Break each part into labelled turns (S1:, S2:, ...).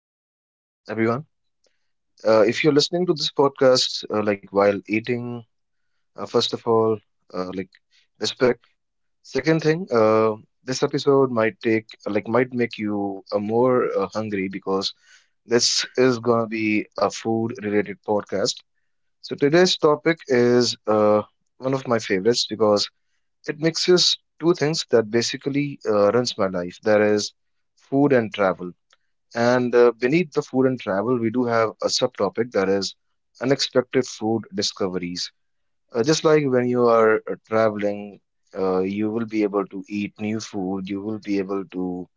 S1: the podcast, everyone. If you're listening to this podcast, like while eating, first of all, like respect. Second thing, this episode might make you more hungry because this is gonna be a food-related podcast. So today's topic is one of my favorites because it mixes two things that basically runs my life. That is food and travel. And beneath the food and travel, we do have a subtopic, that is unexpected food discoveries. Just like when you are traveling, you will be able to eat new food, you will be able to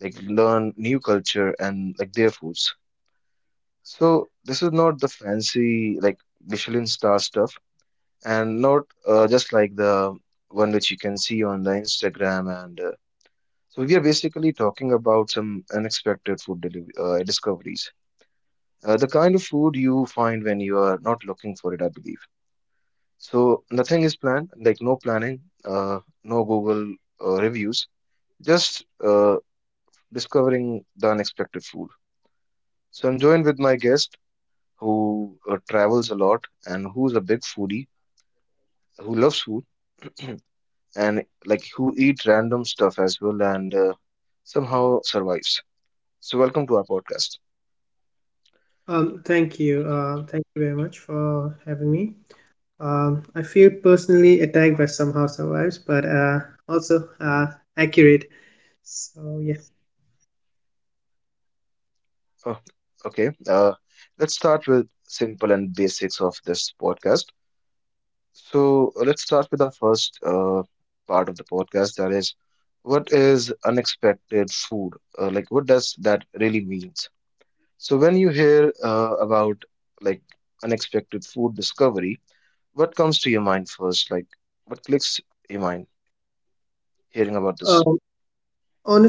S1: like learn new culture and like their foods. So this is not the fancy, like, Michelin star stuff, and not just like the one which you can see on the Instagram. And so we are basically talking about some unexpected food deliv discoveries. The kind of food you find when you are not looking for it, I believe. So nothing is planned, like no planning, no Google reviews, just discovering the unexpected food. So I'm joined with my guest who travels a lot and who's a big foodie, who loves food and like who eats random stuff as well and somehow survives. So welcome to our podcast.
S2: Thank you. Thank you very much for having me. I feel personally attacked by somehow survives, but also accurate. So yeah.
S1: Oh, okay, let's start with simple and basics of this podcast. So let's start with our first part of the podcast. That is, what is unexpected food? Like, what does that really means? So when you hear about, like, unexpected food discovery, what comes to your mind first? Like, what clicks your mind hearing about this?
S2: Um,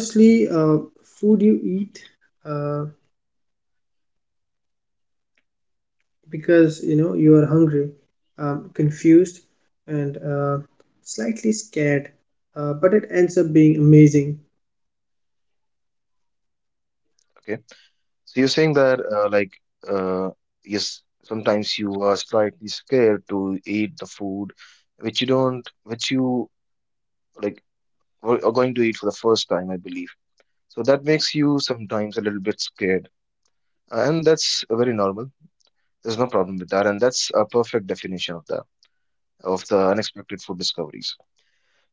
S2: Honestly, food you eat uh, because you know you are hungry, confused, and slightly scared, but it ends up being amazing.
S1: Okay, so you're saying that uh, yes, sometimes you are slightly scared to eat the food which you don't, which you, like, are going to eat for the first time, I believe. So that makes you sometimes a little bit scared. And that's very normal. There's no problem with that. And that's a perfect definition of the unexpected food discoveries.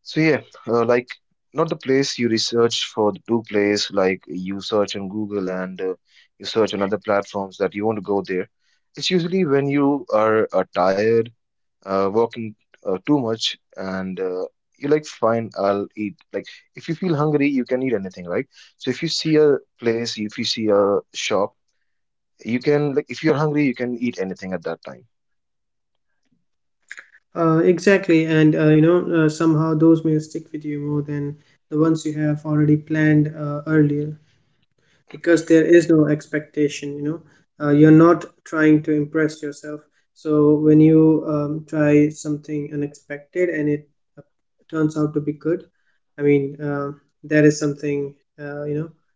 S1: So yeah, like, not the place you research for the do place, like you search on Google and you search on other platforms that you want to go there. It's usually when you are tired, working too much, and you're like, fine, I'll eat. Like, if you feel hungry, you can eat anything, right? So if you see a place, if you see a shop, you can, like, if you're hungry, you can eat anything at that time.
S2: Exactly, and you know somehow those meals stick with you more than the ones you have already planned earlier. Because there is no expectation, you know, you're not trying to impress yourself. So when you try something unexpected and it uh, turns out to be good, I mean that is something, you know,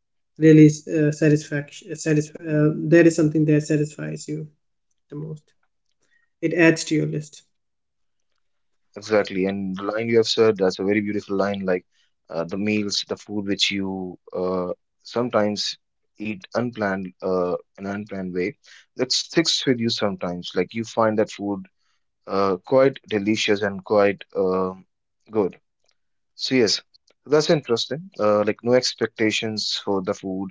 S2: really that is something that satisfies you the most. It adds to your list.
S1: Exactly. And the line you have said, that's a very beautiful line. Like, the meals, the food which you sometimes eat unplanned, in an unplanned way, that sticks with you. Sometimes like you find that food quite delicious and quite good. So yes, that's interesting. Like, no expectations for the food.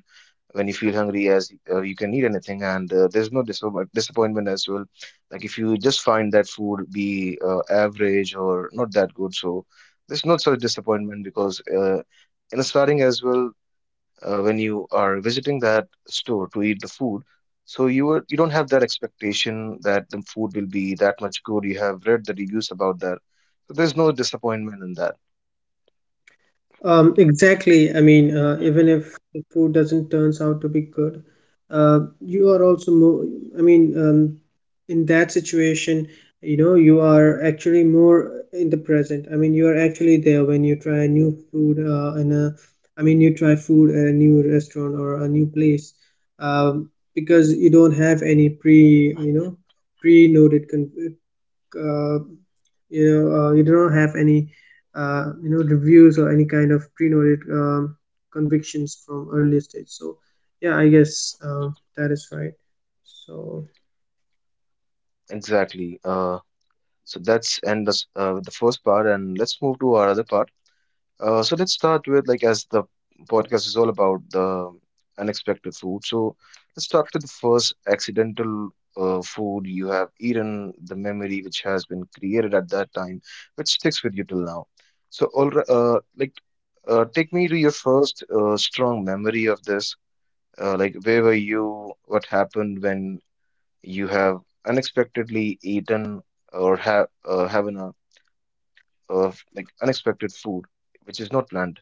S1: When you feel hungry, as you can eat anything, and there's no disappointment as well. Like if you just find that food be average or not that good, so there's not such disappointment, because in starting as well, when you are visiting that store to eat the food, so you don't have that expectation that the food will be that much good. You have read the reviews about that, so there's no disappointment in that.
S2: Exactly. I mean, even if the food doesn't turns out to be good, you are also more. I mean, in that situation, you know, you are actually more in the present. I mean, you are actually there when you try new food in a. I mean, you try food at a new restaurant or a new place, um, because you don't have any you know, pre-noted con uh, you know, you do not have any, you know, reviews or any kind of pre-noted convictions from earlier stage. So yeah, I guess that is right. So,
S1: Exactly. So that's the first part, and let's move to our other part. So let's start with, like, as the podcast is all about the unexpected food. So let's start with the first accidental food you have eaten, the memory which has been created at that time, which sticks with you till now. So all ri- like Take me to your first strong memory of this. Like, where were you? What happened when you have unexpectedly eaten, or have having a, like, unexpected food which is not planned?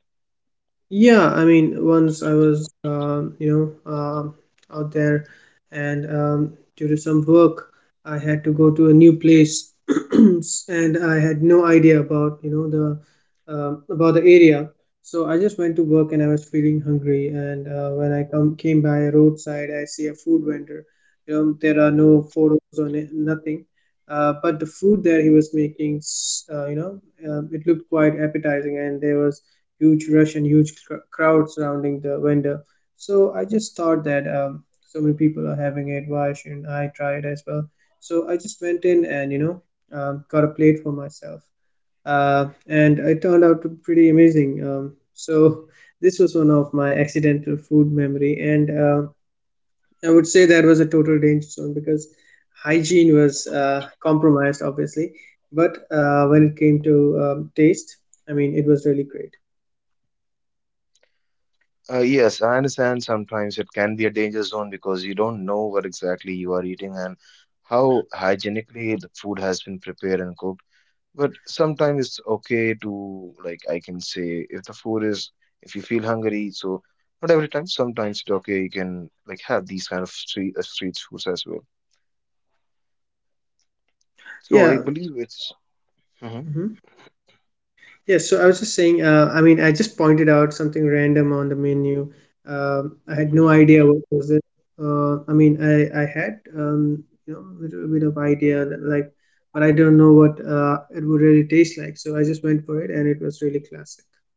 S2: yeah, I mean, once I was, you know, out there, and due to some work, I had to go to a new place, and I had no idea about, you know, the about the area. So I just went to work, and I was feeling hungry. And when I come came by a roadside, I see a food vendor. You know, there are no photos on it, nothing. But the food that he was making, you know, it looked quite appetizing, and there was huge rush and huge crowd surrounding the vendor. So I just thought that, so many people are having it. Why shouldn't I try it as well? So I just went in, and, you know, got a plate for myself, and it turned out to be pretty amazing. So this was one of my accidental food memory, and I would say that was a total danger zone because hygiene was compromised, obviously. But when it came to taste, I mean, it was really great.
S1: Yes, I understand sometimes it can be a danger zone because you don't know what exactly you are eating and how hygienically the food has been prepared and cooked. But sometimes it's okay to, like, I can say, if the food is, if you feel hungry, so not every time, sometimes it's okay, you can, like, have these kind of street foods as well. So I
S2: Yeah.
S1: believe it's. Mhm.
S2: Mhm. Yeah, so I was just saying, I mean, I just pointed out something random on the menu. I had no idea what was it. I mean, I had, you know, a little bit of idea that like, but I don't know what it would really taste like. So I just went for it, and it was really classic.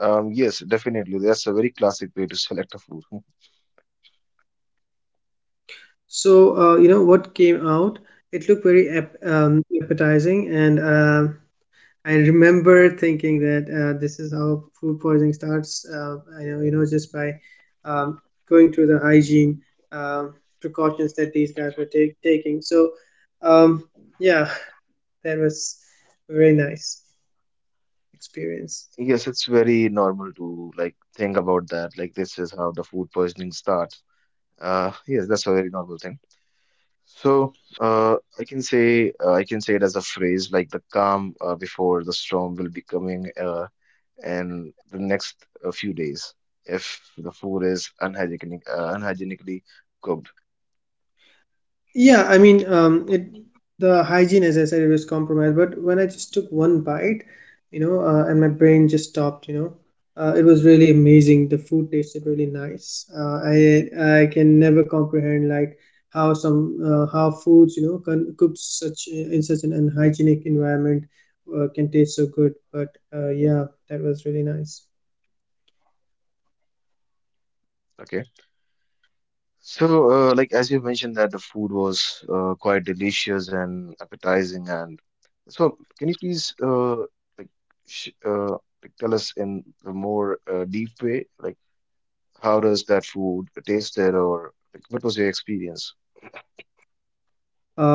S1: Yes, definitely. That's a very classic way to select a food.
S2: So, you know, what came out, it looked very ap appetizing, and I remember thinking that, this is how food poisoning starts. I know, you know, just by um, going through the hygiene um precautions that these guys were taking. So, um, yeah, that was a very nice experience.
S1: Yes, it's very normal to, like, think about that. Like, this is how the food poisoning starts. Yes, that's a very normal thing. So, I can say it as a phrase, like the calm before the storm, will be coming in the next few days if the food is unhygienically cooked.
S2: Yeah, I mean, it the hygiene, as I said, it was compromised. But when I just took one bite, you know, and my brain just stopped. You know, it was really amazing. The food tasted really nice. Uh, I can never comprehend like how some how foods, you know, cooked such in such an unhygienic environment can taste so good. But yeah, that was really nice.
S1: Okay. So, like, as you mentioned that the food was quite delicious and appetizing, and so can you please like sh uh, like tell us in a more deep way, like how does that food tasted, or like what was your experience?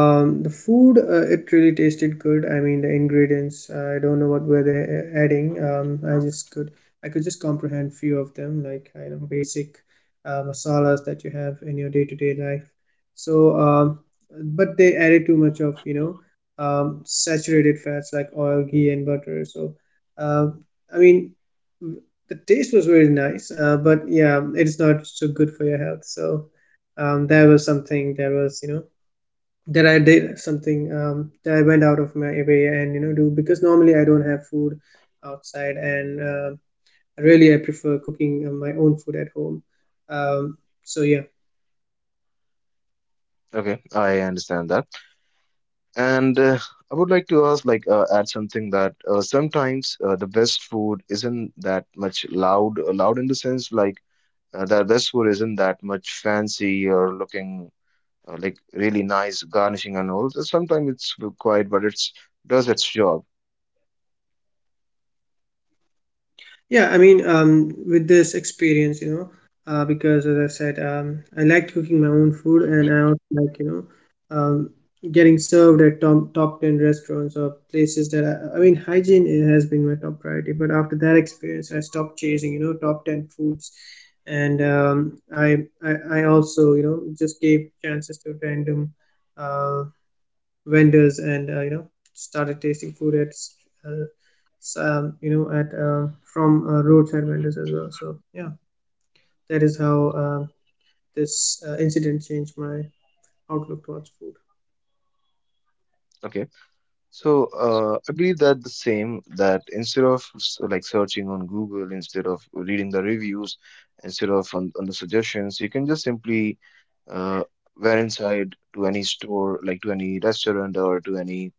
S2: The food, it really tasted good. I mean, the ingredients. I don't know what were they adding. Um, I could just comprehend few of them, like, you know, basic masalas that you have in your day-to-day life. So, but they added too much of, you know, saturated fats like oil, ghee, and butter. So, um, I mean, the taste was very nice, but yeah, it's not so good for your health. So, that was something that was, you know, that I did something, that I went out of my way and, you know, do because normally I don't have food outside, and really I prefer cooking my own food at home. Um, so yeah.
S1: Okay, I understand that, and I would like to ask, like, add something, that sometimes the best food isn't that much loud, in the sense, like. The best food isn't that much fancy or looking like really nice garnishing and all. Sometimes it's required, but it's does its job.
S2: Yeah, I mean, with this experience, you know, because as I said, I liked cooking my own food, and I also like, you know, getting served at top ten restaurants or places that I mean, hygiene has been my top priority. But after that experience, I stopped chasing, you know, top ten foods, and I I also, you know, just gave chances to random uh vendors, and you know, started tasting food at uh, you know, at from roadside vendors as well. So yeah, that is how this incident changed my outlook towards food.
S1: Okay, so I believe that the same, that instead of like searching on Google, instead of reading the reviews, instead of on the suggestions, you can just simply uh, went inside to any store, like to any restaurant or to any,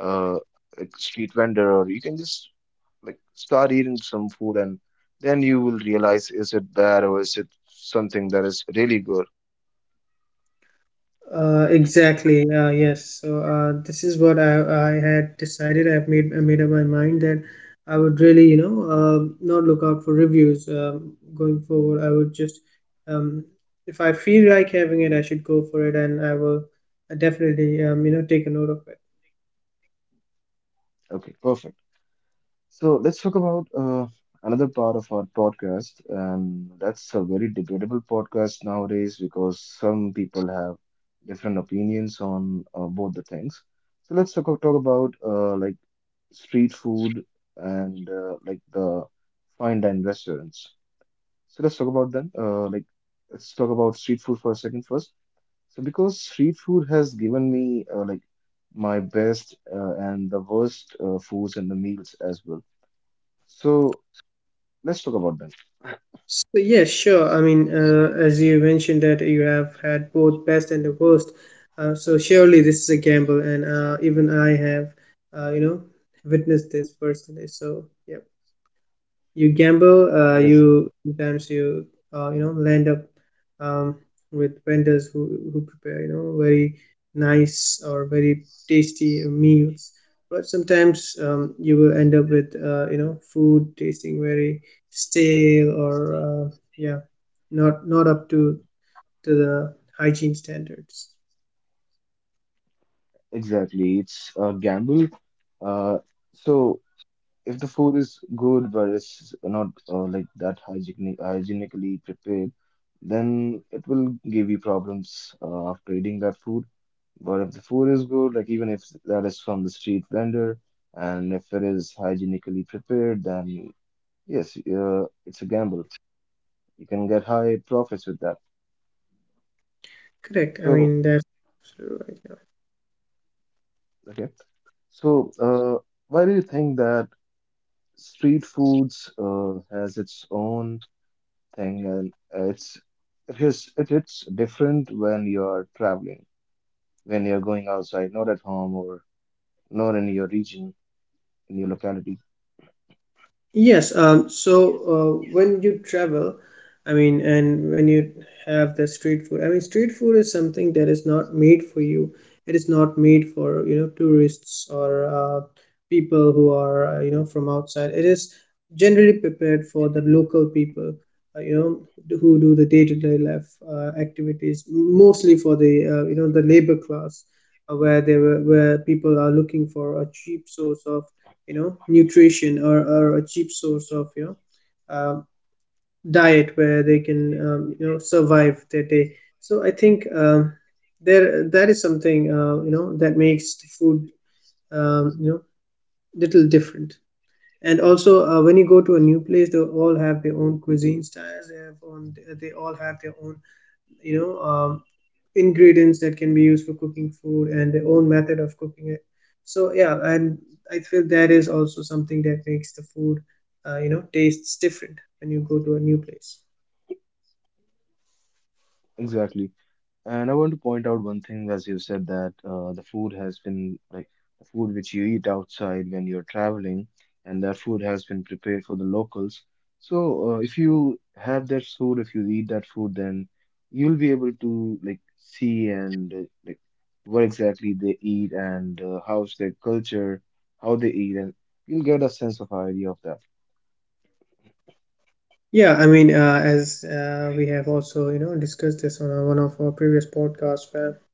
S1: uh, like, street vendor, or you can just, like, start eating some food and then you will realize is it bad or is it something that is really good.
S2: Exactly. Yes. So this is what I had decided. I made up my mind that I would really, you know, not look out for reviews, going forward. I would just, um, if I feel like having it, I should go for it, and I will definitely, you know, take a note of it.
S1: Okay, perfect. So let's talk about another part of our podcast, and that's a very debatable podcast nowadays because some people have different opinions on both the things. So let's talk about, like, street food and, like, the fine dine restaurants. So let's talk about them. Like, let's talk about street food for a second first. So because street food has given me, like, my best and the worst foods and the meals as well. So let's talk about them.
S2: So, yes, sure. I mean, as you mentioned that you have had both best and the worst, so surely this is a gamble, and even I have, you know, witnessed this personally. So, yeah, you gamble.
S1: Yes,
S2: You sometimes you You know, land up um, with vendors who prepare, you know, very nice or very tasty meals, but sometimes, you will end up with, you know, food tasting very stale, or uh, yeah, not up to the hygiene standards.
S1: exactly. It's a gamble. Uh, so if the food is good but it's not, like, that hygienically prepared, then it will give you problems after eating that food. But if the food is good, like even if that is from the street vendor, and if it is hygienically prepared, then yes, it's a gamble. You can get high profits with that.
S2: Correct, I
S1: So,
S2: mean, that's absolutely right.
S1: okay. So, why do you think that street foods has its own thing, and it's it is it, it's different when you're traveling, when you're going outside, not at home or not in your region, in your locality?
S2: Yes, so when you travel, I mean, and when you have the street food, I mean, street food is something that is not made for you. It is not made for, you know, tourists or people who are, you know, from outside. It is generally prepared for the local people, you know, who do the day-to-day life activities, mostly for the, you know, the labor class, where people are looking for a cheap source of, you know, nutrition, or a cheap source of, you know, diet where they can, you know, survive their day. So I think, there that is something, you know, that makes the food, you know, little different. And also, when you go to a new place, they all have their own cuisine styles. They all have their own, you know, ingredients that can be used for cooking food, and their own method of cooking it. So yeah, and I feel that is also something that makes the food, you know, tastes different when you go to a new place.
S1: Exactly. And I want to point out one thing, as you said, that the food has been like the food which you eat outside when you're traveling, and that food has been prepared for the locals. So, if you have that food, if you eat that food, then you'll be able to, like, see and, like, what exactly they eat and how's their culture, how they eat, and you'll get a sense of idea of that.
S2: Yeah, I mean, as we have also, you know, discussed this on one of our previous podcasts, where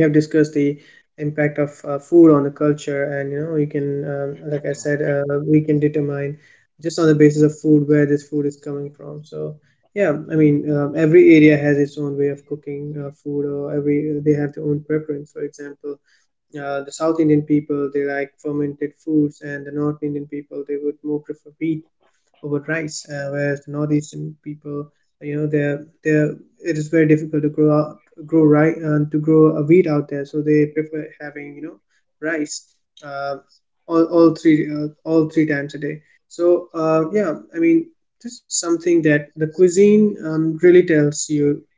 S2: we have discussed the impact of food on the culture. And you know, you can, like I said, we can determine just on the basis of food where this food is coming from. So yeah, I mean, every area has its own way of cooking food, or every they have their own preference. For example, the South Indian people, they like fermented foods, and the North Indian people, they would more prefer wheat over rice. Whereas the Northeastern people, you know, they're it is very difficult to grow rice and to grow a wheat out there, so they prefer having, you know, rice uh, all all three times a day. So yeah, I mean, this is something that the cuisine, um, really tells you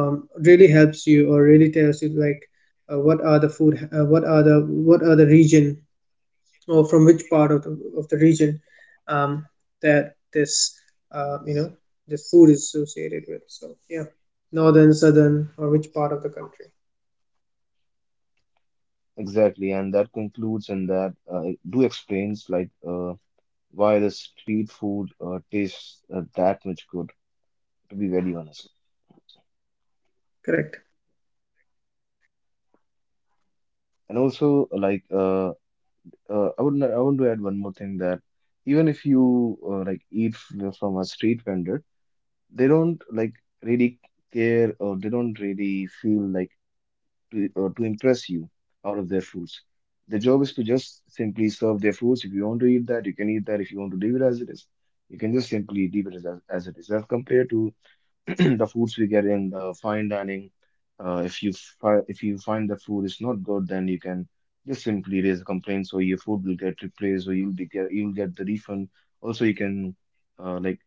S2: um, really helps you, or really tells you like, what are the region, or from which part of the region, um, that this, you know, this food is associated with. So yeah, northern, southern, or which part of the country.
S1: Exactly, and that concludes and that do explains, like, why the street food tastes that much good, to be very honest.
S2: Correct.
S1: And also, like, I want to add one more thing, that even if you, like, eat from a street vendor, they don't, like, really care, or they don't really feel like to impress you out of their foods. The job is to just simply serve their foods. If you want to eat that, you can eat that. If you want to leave it as it is, you can just simply leave it as it is. As compared to the foods we get in the fine dining. If you find the food is not good, then you can just simply raise a complaint, so your food will get replaced, or you'll get the refund. Also, you can, like,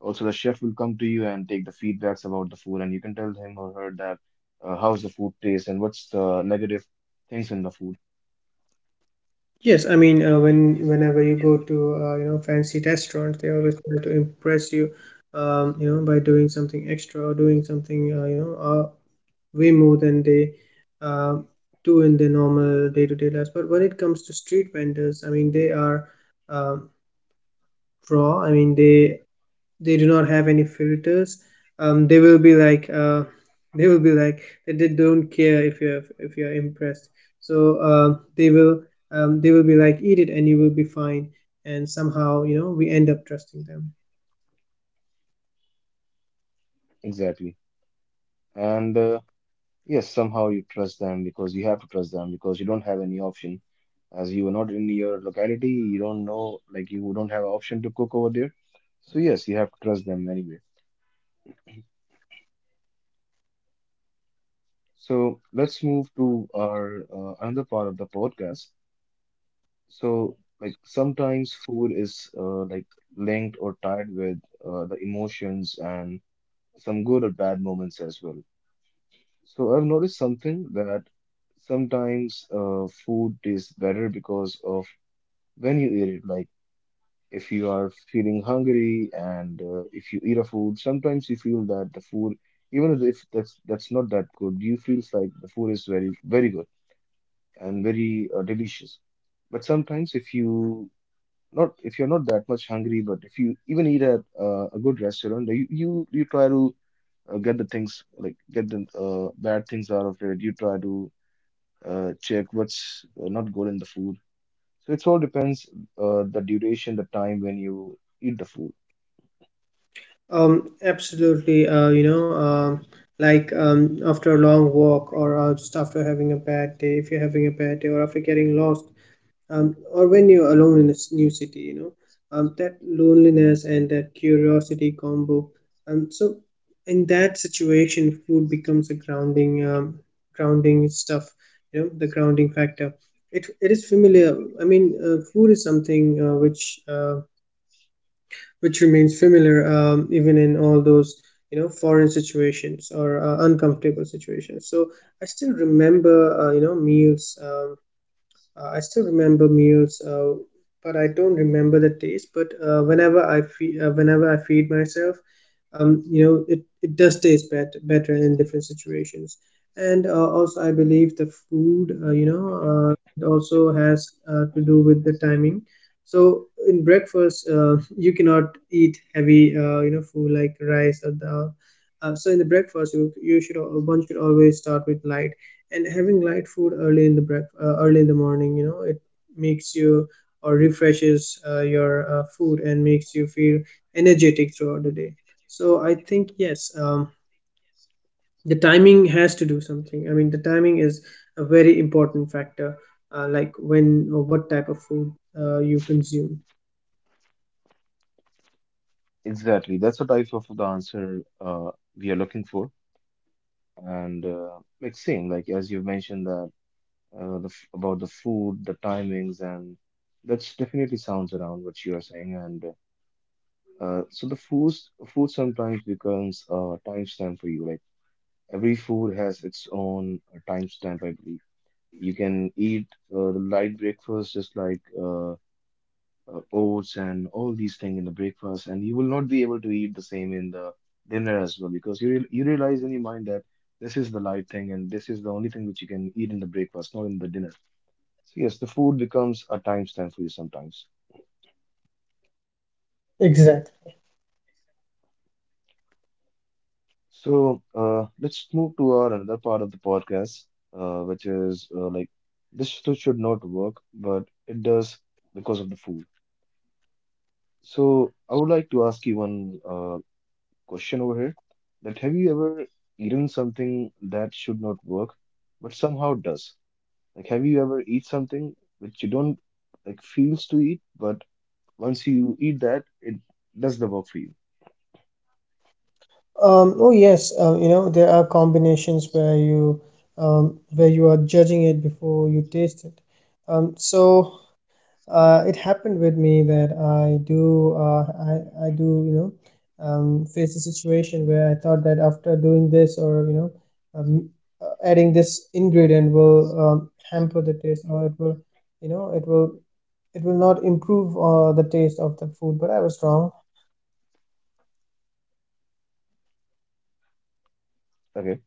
S1: also the chef will come to you and take the feedbacks about the food, and you can tell him or her that how's the food taste and what's the negative things in the food,
S2: Yes, I mean, when whenever you go to, you know, fancy restaurants, they always try to impress you, you know, by doing something extra, or doing something, you know, uh, way more than they uh, do in their normal day-to-day lives. But when it comes to street vendors, I mean, they are um raw. I mean, they do not have any filters. Um, they will be like uh, they will be like they don't care if you're impressed. So they will they will be like eat it and you will be fine. And somehow we end up trusting them.
S1: exactly. And yes, somehow you trust them because you have to trust them because you don't have any option as you are not in your locality, you don't know, like you don't have option to cook over there. So yes, you have to trust them anyway. So let's move to our another part of the podcast. So like sometimes food is like linked or tied with the emotions and some good or bad moments as well. So I've noticed something that sometimes food tastes better because of when you eat it, like if you are feeling hungry and if you eat a food, sometimes you feel that the food, even if that's not that good, you feels like the food is very good and very delicious. But sometimes if you're not that much hungry, but if you even eat at a good restaurant, you try to get the things like get the bad things out of it. You try to check what's not good in the food. So it all depends the duration, the time when you eat the food.
S2: Absolutely. After a long walk, or just after having a bad day, if you're having a bad day, or after getting lost, or when you're alone in a new city, that loneliness and that curiosity combo. So in that situation, food becomes a grounding stuff. The grounding factor. It is familiar. I mean, food is something which remains familiar, even in all those foreign situations or uncomfortable situations. So I still remember you know meals I still remember meals, but I don't remember the taste. But whenever whenever I feed myself, it does taste better in different situations. And also, I believe the food, it also has to do with the timing. So in breakfast, you cannot eat heavy, food like rice or dal. So in the breakfast, one should always start with light, and having light food early in the morning, it makes you or refreshes your food and makes you feel energetic throughout the day. So I think, yes, the timing has to do something. I mean, the timing is a very important factor, like when or what type of food you consume.
S1: Exactly. That's the type of the answer we are looking for. And like same, like as you mentioned that the f about the food, the timings, and that's definitely sounds around what you are saying. And so the food sometimes becomes a timestamp for you. Like every food has its own timestamp, I believe. You can eat the light breakfast just like oats and all these things in the breakfast, and you will not be able to eat the same in the dinner as well because you realize in your mind that this is the light thing and this is the only thing which you can eat in the breakfast, not in the dinner. So yes, the food becomes a timestamp for you sometimes.
S2: Exactly.
S1: So let's move to our another part of the podcast, which is like this should not work, but it does because of the food. So I would like to ask you one question over here that have you ever eaten something that should not work but somehow does? Like have you ever eat something which you don't like feels to eat but once you eat that it does the work for you?
S2: Oh yes. There are combinations where you are judging it before you taste it. Um, so it happened with me that I do, you know, face a situation where I thought that after doing this or, um, adding this ingredient will hamper the taste, or it will, you know, it will not improve the taste of the food. But I was wrong.
S1: Okay.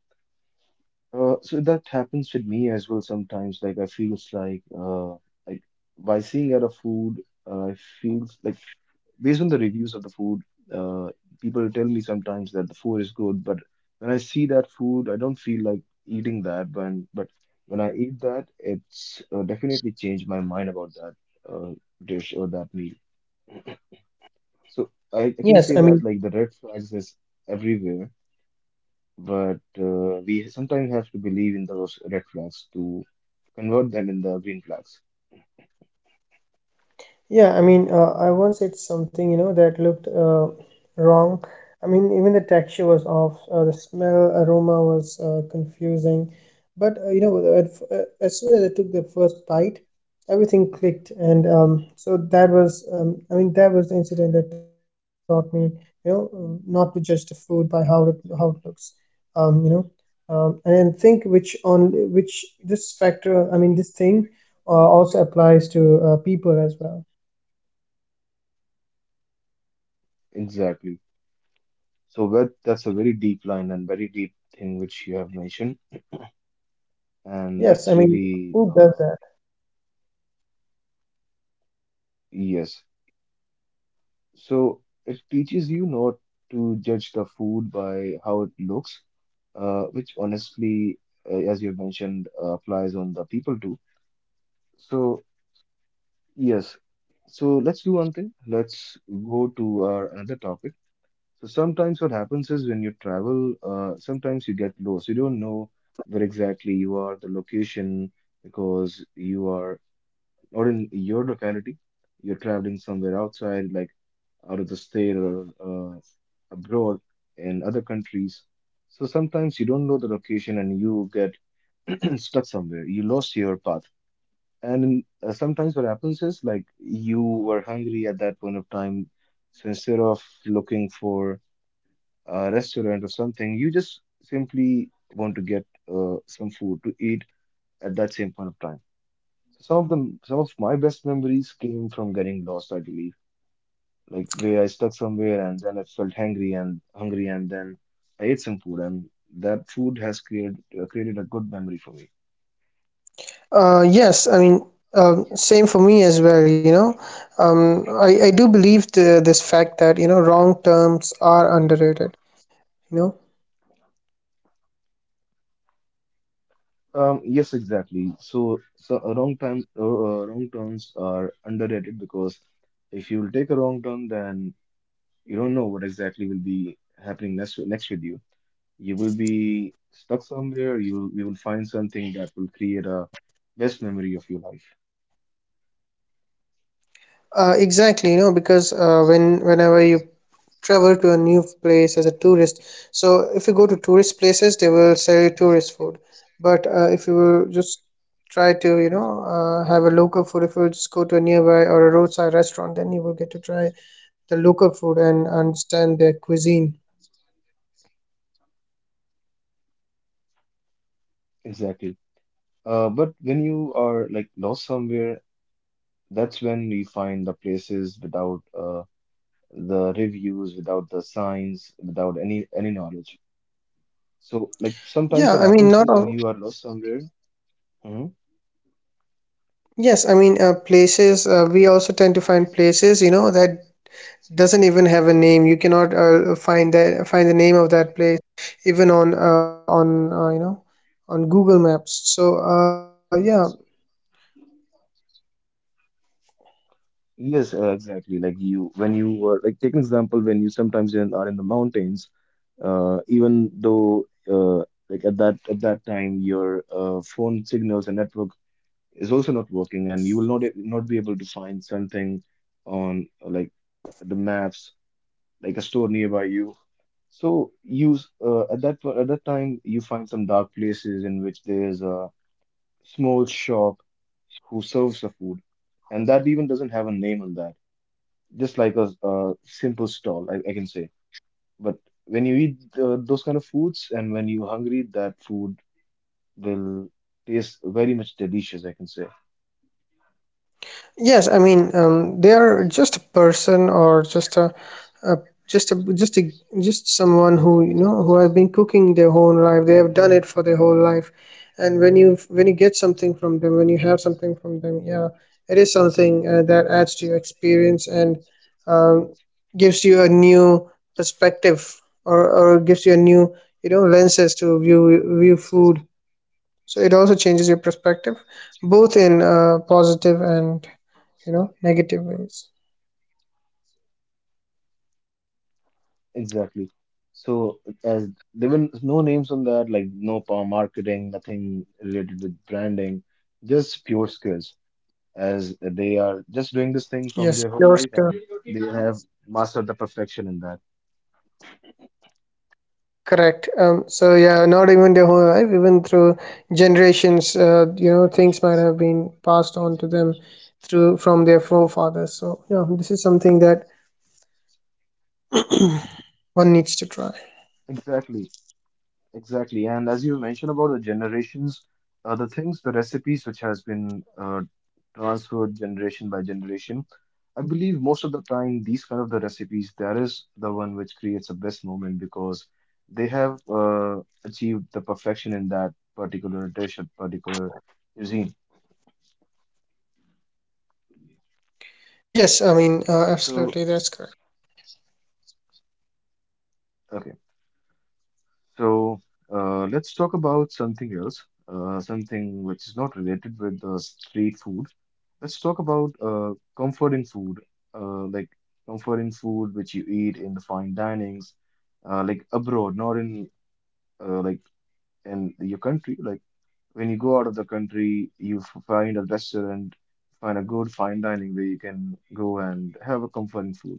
S1: So that happens with me as well sometimes. Like I feels like like by seeing out of food, I feels like based on the reviews of the food, uh, people tell me sometimes that the food is good, but when I see that food, I don't feel like eating that. But when I eat that, it's definitely changed my mind about that uh dish or that meal. So I can
S2: Yes,
S1: say
S2: I
S1: that
S2: mean.
S1: like the red flags is everywhere but we sometimes have to believe in those red flags to convert them in the green flags.
S2: Yeah, I mean, I once ate something, that looked wrong. I mean, even the texture was off. The smell, aroma was confusing. But as soon as I took the first bite, everything clicked, and so that was, I mean, that was the incident that taught me, not to judge the food by how it looks, um, you know, and then think which on which this factor. I mean, this thing also applies to people as well.
S1: Exactly. So that's a very deep line and very deep thing which you have mentioned, and
S2: Yes,
S1: that's
S2: I mean,
S1: really
S2: who does that?
S1: yes. So it teaches you not to judge the food by how it looks, which honestly, as you have mentioned, applies on the people too. So yes. So let's do one thing. Let's go to our another topic. So sometimes what happens is when you travel, sometimes you get lost. You don't know where exactly you are, the location, because you are or in your locality, you're traveling somewhere outside, like out of the state or abroad in other countries. So sometimes you don't know the location and you get stuck somewhere. You lost your path. And sometimes what happens is like you were hungry at that point of time. So instead of looking for a restaurant or something, you just simply want to get some food to eat at that same point of time. Some of my best memories came from getting lost, I believe, like where I stuck somewhere and then I felt hungry and then I ate some food and that food has created a good memory for me.
S2: Yes, I mean, same for me as well. I do believe this fact that, wrong terms are underrated, you know.
S1: Yes, exactly. So a wrong time, wrong turns are underrated because if you will take a wrong turn, then you don't know what exactly will be happening next with you. You will be stuck somewhere. You will find something that will create a best memory of your life.
S2: Exactly, because whenever you travel to a new place as a tourist, so if you go to tourist places, they will sell you tourist food. But if you will just try to have a local food, if you will just go to a nearby or a roadside restaurant, then you will get to try the local food and understand their cuisine.
S1: Exactly. But when you are like lost somewhere, that's when we find the places without the reviews, without the signs, without any knowledge. So like sometimes
S2: Yeah,
S1: what
S2: I mean,
S1: happens
S2: not
S1: is when
S2: all.
S1: you are lost somewhere.
S2: Yes, I mean, places, we also tend to find places that doesn't even have a name. You cannot find the name of that place even on you know on Google Maps. So, yeah.
S1: Yes, exactly. Like you, when you were like take an example when you sometimes in, are in the mountains, even though like at that time your phone signals and network is also not working, and you will not be able to find something on like the maps, like a store nearby you. So use at that time you find some dark places in which there is a small shop who serves the food, and that even doesn't have a name on that just like a, simple stall, I can say. But when you eat those kind of foods and when you're hungry, that food will taste very much delicious, I can say.
S2: Yes, I mean, they are just a person or just a just a just a just someone who you know who has been cooking their whole life. They have done it for their whole life, and when you get something from them, when you have something from them, yeah, it is something that adds to your experience and um, gives you a new perspective, or gives you a new lenses to view food. So it also changes your perspective, both in positive and negative ways.
S1: Exactly. So as there were no names on that, like no power marketing, nothing related with branding, just pure skills. As they are just doing this
S2: yes
S1: thing
S2: you're
S1: from their whole life and they have mastered the perfection in that.
S2: correct. So yeah, not even their whole life, even through generations. Things might have been passed on to them through from their forefathers. So yeah, this is something that one needs to try.
S1: Exactly. Exactly, and as you mentioned about the generations, the things, the recipes which has been transferred generation by generation, I believe most of the time these kind of the recipes, that is the one which creates the best moment because they have achieved the perfection in that particular dish, or particular cuisine.
S2: Yes, I mean,
S1: So,
S2: absolutely, that's correct.
S1: okay. So let's talk about something else, something which is not related with street food. Let's talk about comforting food, like comforting food which you eat in the fine dinings, like abroad, not in like in your country. Like when you go out of the country, you f- find a restaurant, find a good fine dining where you can go and have a comforting food.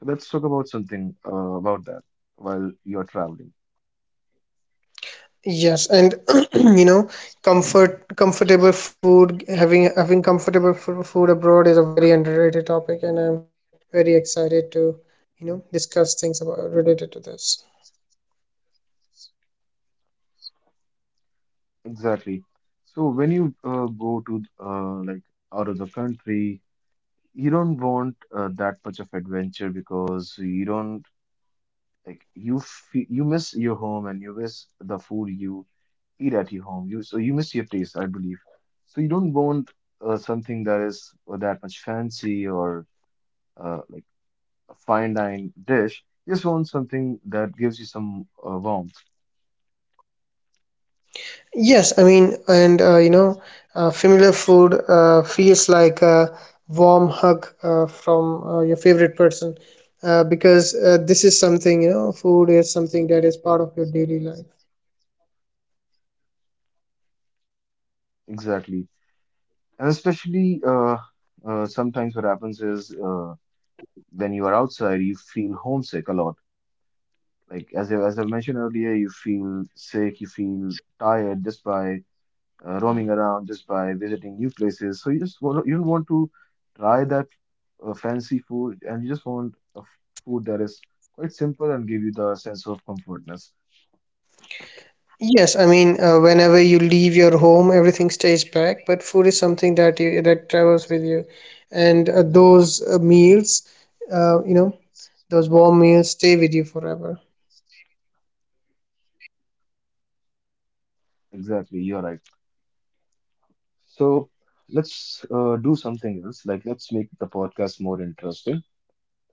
S1: So let's talk about something about that while you're traveling.
S2: Yes, and you know comfortable food, having having food abroad is a very underrated topic, and I'm very excited to discuss things about related to this.
S1: Exactly. So when you go to like out of the country, you don't want that much of adventure because you don't like you miss your home and you miss the food you eat at your home. You so you miss your taste, I believe. So you don't want something that is that much fancy or like a fine dine dish. You just want something that gives you some warmth.
S2: Yes, I mean, and familiar food feels like a warm hug from your favorite person, because this is something, food is something that is part of your daily life.
S1: Exactly. And especially sometimes what happens is when you are outside, you feel homesick a lot. Like as I mentioned earlier, you feel sick, you feel tired just by roaming around, just by visiting new places. So you want to try that fancy food, and you just want food that is quite simple and give you the sense of comfortness.
S2: Yes, I mean, whenever you leave your home, everything stays back, but food is something that travels with you, and those uh, you know, those warm meals stay with you forever.
S1: Exactly, you're right. So let's do something else. Like let's make the podcast more interesting.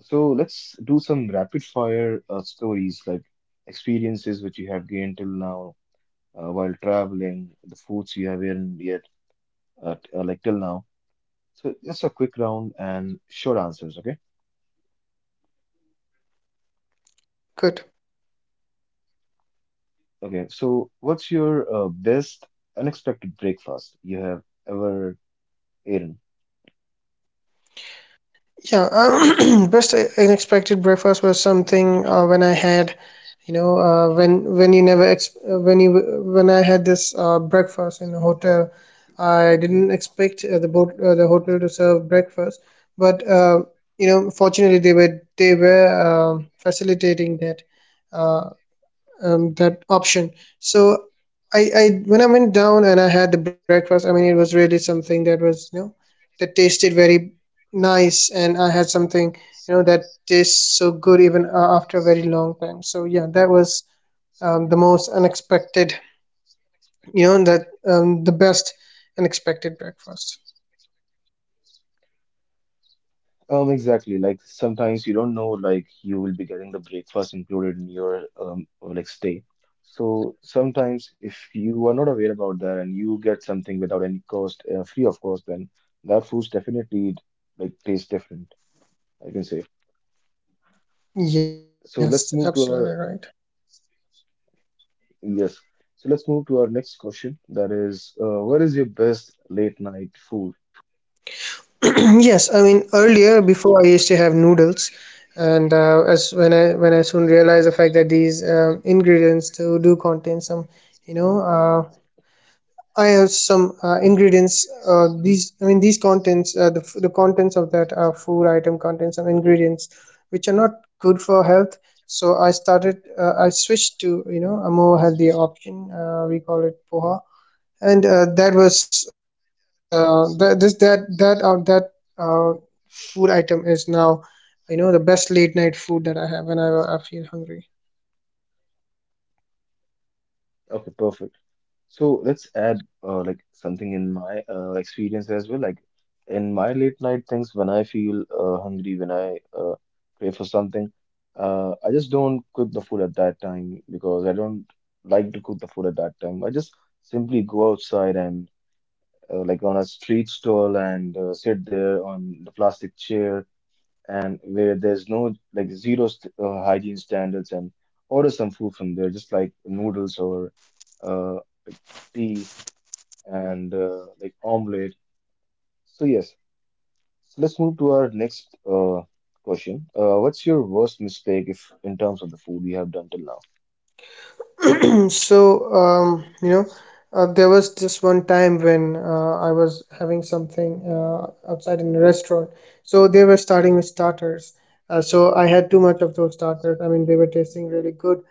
S1: So let's do some rapid fire stories, like experiences which you have gained till now while traveling, the foods you have eaten yet, like till now. So just a quick round and short answers, okay?
S2: Good.
S1: Okay, so what's your best unexpected breakfast you have ever eaten?
S2: Yeah. Best unexpected breakfast was something when I had, when you never ex- when I had this breakfast in a hotel. I didn't expect the hotel to serve breakfast, but fortunately they were, facilitating that. Uh, that option. So I when I went down and I had the breakfast, I mean, it was really something that was, that tasted very nice, and I had something that tastes so good even after a very long time. So yeah, that was the most unexpected, you know that the best unexpected breakfast.
S1: Exactly. Like sometimes you don't know, like you will be getting the breakfast included in your or like stay. So sometimes if you are not aware about that and you get something without any cost, free of course, then that food's definitely like tastes different, I can say.
S2: Yes,
S1: So let's
S2: absolutely
S1: move to
S2: right.
S1: our yes. So let's move to our next question. That is, what is your best late night food?
S2: Yes, I mean, earlier before I used to have noodles, and as when I soon realized the fact that these ingredients do contain some, you know, I have some ingredients. These, I mean, these contents, the contents of that food item contain some ingredients which are not good for health. So I switched to a more healthy option. We call it poha, and that this that that that uh, food item is now the best late night food that I have whenever I feel hungry.
S1: Okay, perfect. So let's add like something in my experience as well. Like in my late night things, when I feel hungry, when I crave for something, I just don't cook the food at that time because I don't like to cook the food at that time. I just simply go outside and like on a street stall and sit there on the plastic chair and where there's no like zero st hygiene standards and order some food from there, just like noodles or uh, like tea and like omelette. So yes, so let's move to our next question. What's your worst mistake if in terms of the food you have done till now?
S2: So there was just one time when I was having something outside in a restaurant. So they were starting with starters. So I had too much of those starters. I mean, they were tasting really good.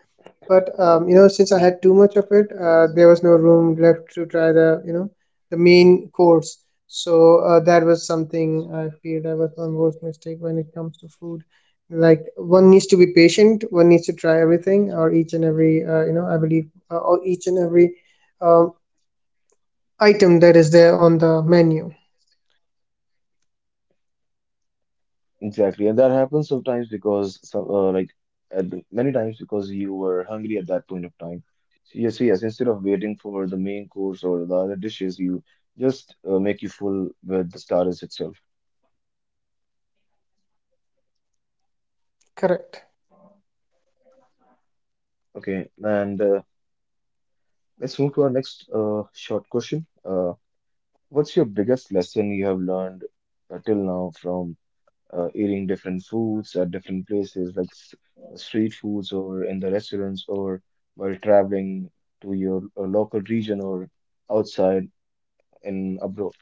S2: But since I had too much of it, there was no room left to try the you know the main course. So that was something I feel that was my worst mistake when it comes to food. Like, one needs to be patient, one needs to try everything or each and every you know I believe or each and every um, item that is there on the menu.
S1: Exactly, and that happens sometimes because some like at the, many times because you were hungry at that point of time. So yes, instead of waiting for the main course or the other dishes, you just make you full with the starters itself.
S2: Correct.
S1: Okay, and let's move to our next short question. What's your biggest lesson you have learned till now from eating different foods at different places, like street foods or in the restaurants, or while traveling to your local region or outside in abroad?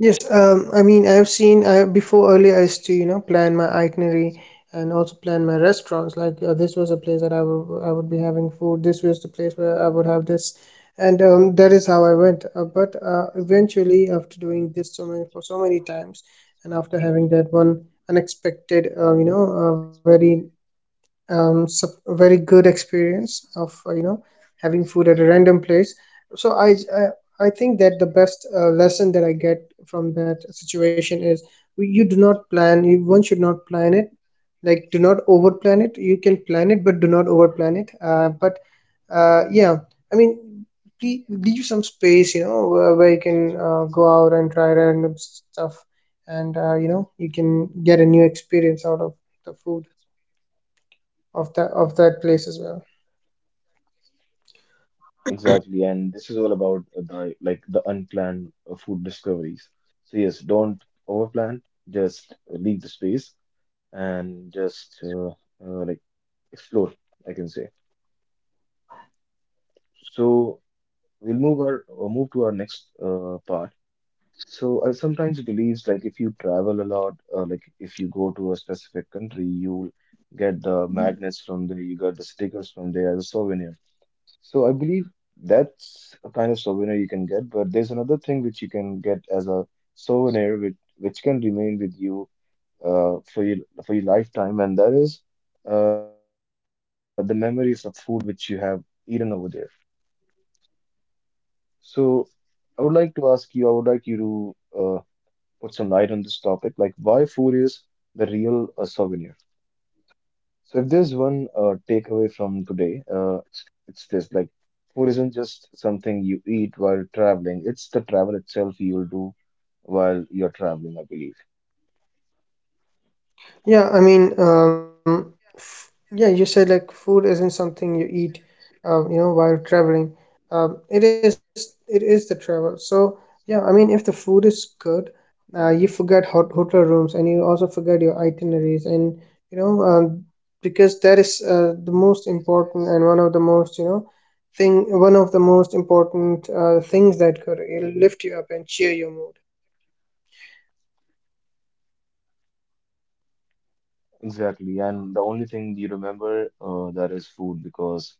S2: Yes, I mean, before earlier I used to, plan my itinerary and also plan my restaurants. Like, this was a place that I would be having food. This was the place where I would have this, and that is how I went. But eventually, after doing this so many for so many times, and after having that one unexpected, a very good experience of having food at a random place. So I think that the best lesson that I get from that situation is, you do not plan. You one should not plan it. Like, do not overplan it. You can plan it, but do not overplan it. But yeah, I mean, please leave some space, where you can go out and try random stuff, and you can get a new experience out of the food of that place as well.
S1: Exactly, and this is all about the unplanned food discoveries. So yes, don't overplan. Just leave the space and just uh, like explore, I can say. So we'll move our move to our next part. So I sometimes believes like if you travel a lot, like if you go to a specific country, you'll get the magnets from there, you got the stickers from there as a souvenir. So I believe that's a kind of souvenir you can get, but there's another thing which you can get as a souvenir which can remain with you uh, for your for your lifetime, and that is the memories of food which you have eaten over there. So I would like to ask you, I would like you to put some light on this topic, like why food is the real souvenir. So if there's one takeaway from today, it's this: like food isn't just something you eat while traveling; it's the travel itself you'll do while you're traveling, I believe.
S2: Yeah, I mean, yeah, you said like food isn't something you eat while traveling. It is the travel. So yeah, I mean, if the food is good, you forget hotel rooms, and you also forget your itineraries, and you know um, because that is the most important and one of the most important things that could lift you up and cheer your mood.
S1: Exactly, and the only thing you remember that is food because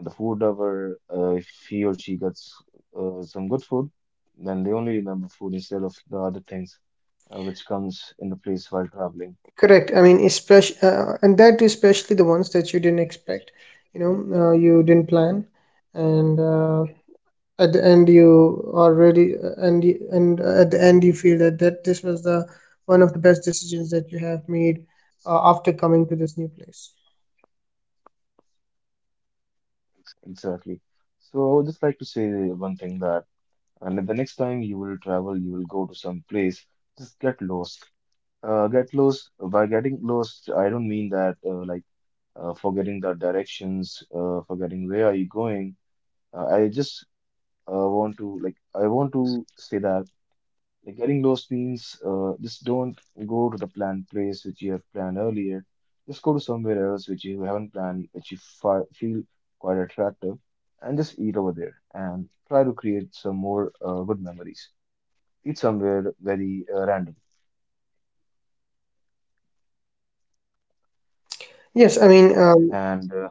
S1: the food lover, if he or she gets some good food, then they only remember food instead of the other things which comes in the place while traveling.
S2: Correct. I mean, especially, and that especially the ones that you didn't expect, you didn't plan, and at the end you already, and y- and at the end you feel that this was the one of the best decisions that you have made after coming to this new place.
S1: Exactly. So I would just like to say one thing that, and the next time you will travel, you will go to some place, just get lost. Get lost. By getting lost, I don't mean that forgetting the directions, forgetting where are you going. I just want to I want to say that. Like getting lost means just don't go to the planned place which you have planned earlier. Just go to somewhere else which you haven't planned, which you fi feel quite attractive, and just eat over there and try to create some more good memories. Eat somewhere very random
S2: Yes, I mean, um,
S1: and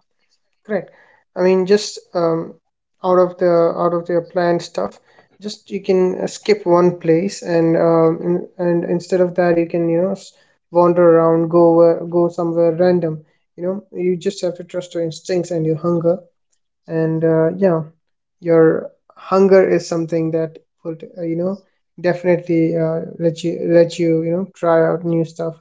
S2: Correct. I mean, just out of the planned stuff, just you can skip one place and instead of that, you can wander around, go somewhere random. You know, you just have to trust your instincts and your hunger. And uh, yeah, your hunger is something that would definitely let you you know try out new stuff.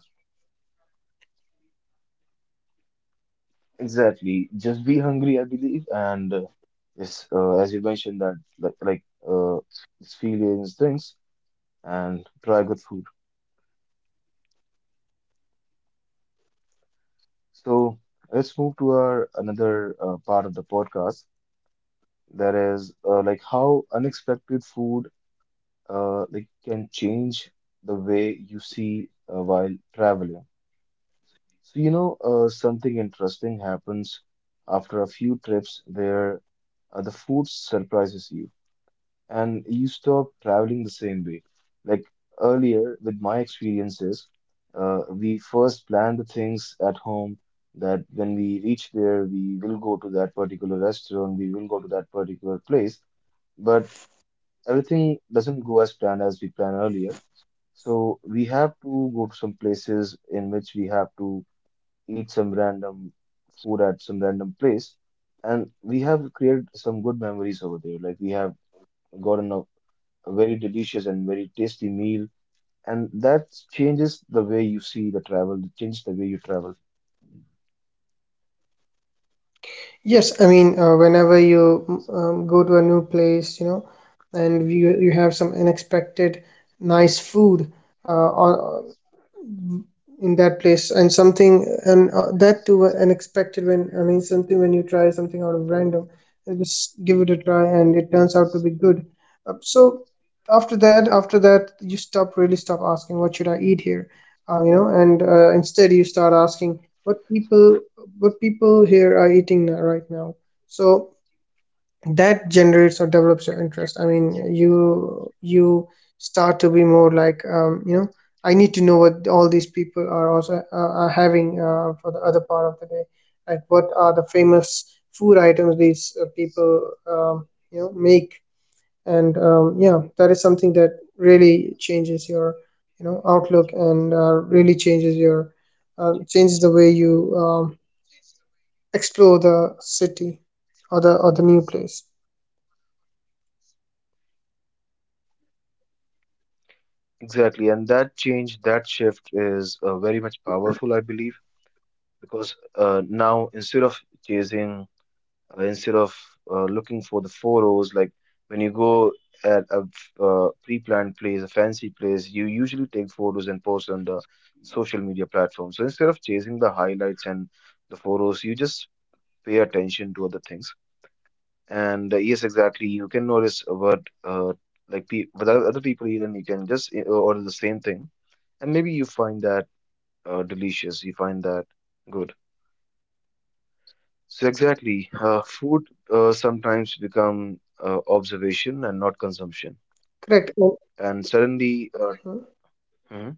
S1: exactly just be hungry, I believe. And yes, as you mentioned that like experience things and try good food. So let's move to our another part of the podcast. That is like how unexpected food like can change the way you see while traveling. So you know something interesting happens after a few trips where the food surprises you and you stop traveling the same way. Like earlier, with my experiences, we first plan the things at home that when we reach there, we will go to that particular restaurant, we will go to that particular place, but everything doesn't go as planned as we planned earlier. So we have to go to some places in which we have to eat some random food at some random place, and we have created some good memories over there. Like we have gotten a very delicious and very tasty meal, and that changes the way you see the travel, it changes the way you travel.
S2: Yes, I mean, whenever you go to a new place, you know, and you have some unexpected nice food, or in that place and something. And that too, unexpected. When I mean something, when you try something out of random and just give it a try and it turns out to be good, so after that you stop asking what should I eat here. You know and Instead, you start asking what people what people here are eating right now. So that generates or develops your interest. I mean, you start to be more like, I need to know what all these people are also, are having, for the other part of the day, like what are the famous food items these, people, make. And yeah, that is something that really changes your, you know, outlook, and really changes your, changes the way you, explore the city or the new place.
S1: Exactly, and that change, that shift is very much powerful, I believe, because now instead of chasing, instead of looking for the four O's, like when you go at a pre-planned place, a fancy place, you usually take photos and post on the social media platform. So instead of chasing the highlights and the four O's, you just pay attention to other things. And yes, exactly. You can notice what like pe what other people eat, and you can just order the same thing, and maybe you find that delicious. You find that good. So exactly, food sometimes become observation and not consumption.
S2: Correct.
S1: And suddenly, mhm,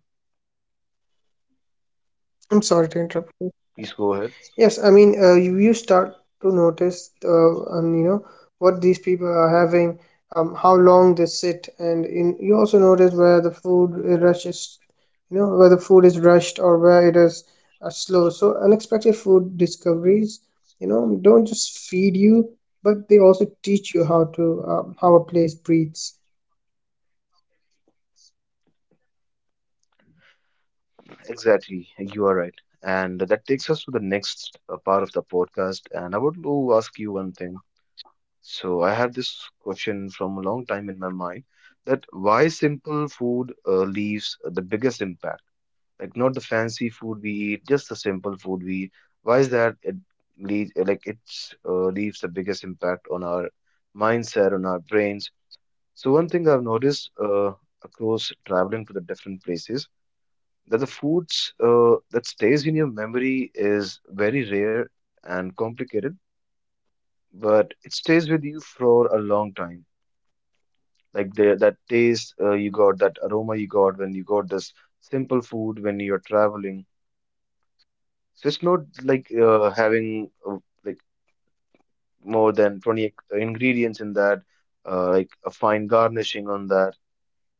S2: I'm sorry to interrupt you.
S1: please go ahead.
S2: Yes, I mean, you, start to notice, and you know, what these people are having, how long they sit, you also notice where the food rushes, you know, where the food is rushed or where it is slow. So unexpected food discoveries, you know, don't just feed you, but they also teach you how to, how a place breathes.
S1: Exactly, you are right. And that takes us to the next part of the podcast. And I would love to ask you one thing. So I have this question from a long time in my mind that why simple food leaves the biggest impact? Like not the fancy food we eat, just the simple food we eat. Why is that it leaves like it's leaves the biggest impact on our mindset, on our brains? So one thing I've noticed across traveling to the different places that the foods that stays in your memory is very rare and complicated, but it stays with you for a long time like the that taste you got, that aroma you got when you got this simple food when you're traveling. So it's not like having like more than 20 ingredients in that, like a fine garnishing on that,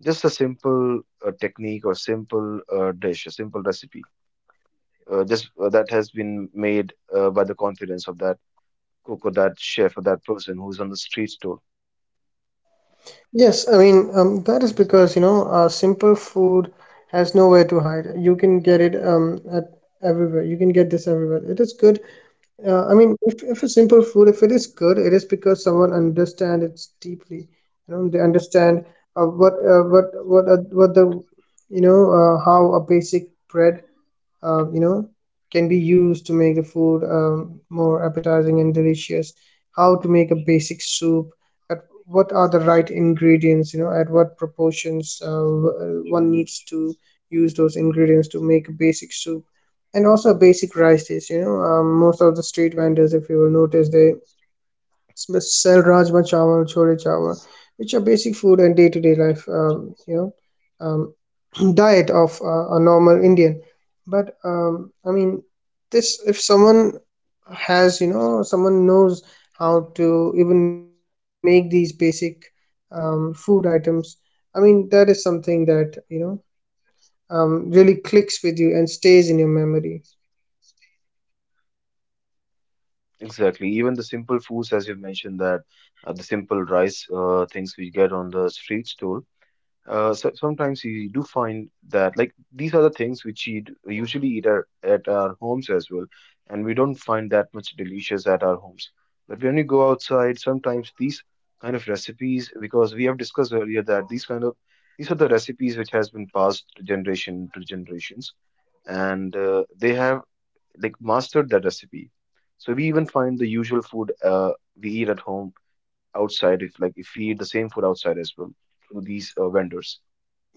S1: just a simple technique or simple dish, a simple recipe just that has been made by the confidence of that cook or that chef or that person who's on the street stall.
S2: Yes, I mean, that is because, you know, simple food has nowhere to hide. You can get it, at everywhere. You can get this everywhere. It is good. I mean, if a simple food, if it is good, it is because someone understands it deeply. You know, they understand what the, you know, how a basic bread, uh, you know can be used to make the food, more appetizing and delicious. How to make a basic soup at, what are the right ingredients, you know, at what proportions one needs to use those ingredients to make a basic soup, and also a basic rice dish. You know, most of the street vendors, if you will notice, they sell rajma chawal, chole chawal, which are basic food and day-to-day life, um, diet of a normal Indian. But I mean, this if someone has, you know, someone knows how to even make these basic, food items, I mean, that is something that, you know, really clicks with you and stays in your memory.
S1: Exactly. Even the simple foods, as you mentioned, that the simple rice things we get on the street stall. So sometimes you do find that like these are the things which we usually eat at our homes as well, and we don't find that much delicious at our homes. But when you go outside, sometimes these kind of recipes, because we have discussed earlier that these kind of these are the recipes which has been passed generation to generations, and they have like mastered that recipe. So we even find the usual food we eat at home outside, if like if we eat the same food outside as well through these vendors.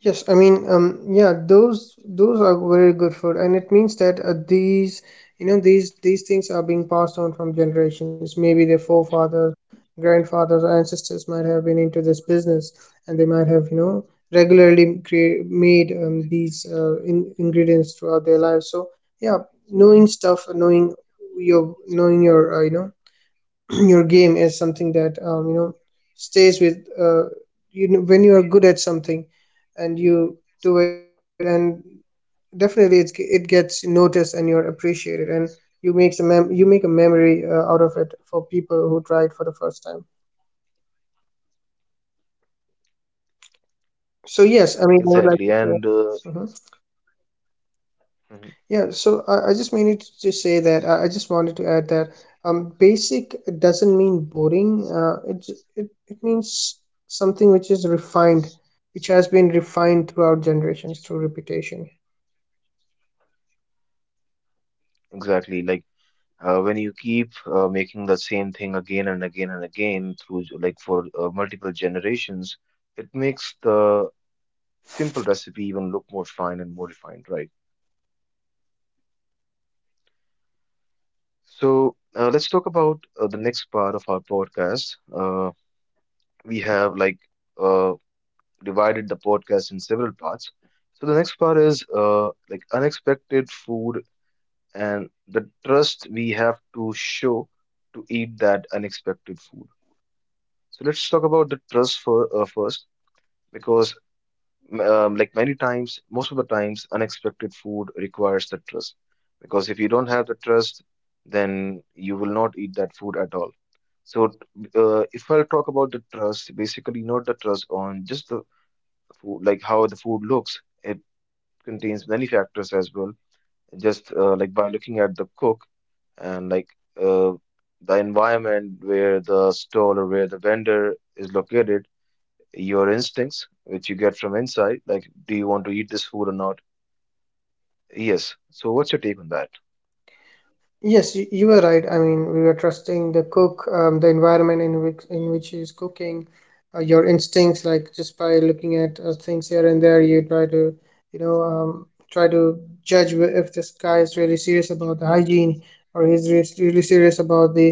S2: Yes, I mean, yeah, those are very good food, and it means that these, you know, these things are being passed on from generations. Maybe their forefathers, grandfathers, or ancestors might have been into this business, and they might have, you know, regularly made, these, ingredients throughout their lives. So yeah, knowing your knowing your, your game is something that, stays with, when you are good at something and you do it, and definitely it gets noticed and you're appreciated, and you you make a memory out of it for people who try it for the first time. So yes, I mean, I would like
S1: Exactly,
S2: to share.
S1: and
S2: Mhm.
S1: mhm.
S2: Yeah, so I just meant to say that I just wanted to add that basic doesn't mean boring. It it means something which is refined, which has been refined throughout generations through repetition.
S1: Exactly. Like when you keep making the same thing again and again and again through for multiple generations, it makes the simple recipe even look more fine and more refined, right? So let's talk about the next part of our podcast. We have uh, divided the podcast in several parts. So the next part is like unexpected food and the trust we have to show to eat that unexpected food. So let's talk about the trust for first because like many times, most of the times, unexpected food requires the trust because if you don't have the trust, then you will not eat that food at all. So if I'll talk about the trust, basically not the trust on just the food, like how the food looks it. Contains many factors as well. Just like by looking at the cook and uh, the environment where the stall or where the vendor is located, your instincts, which you get from inside, like do you want to eat this food or not? Yes. So what's your take on that?
S2: Yes, you were right. I mean, we were trusting the cook, the environment in which he's cooking, your instincts, like just by looking at things here and there, you try to, you know, try to if this guy is really serious about the hygiene, or he's re really serious about the,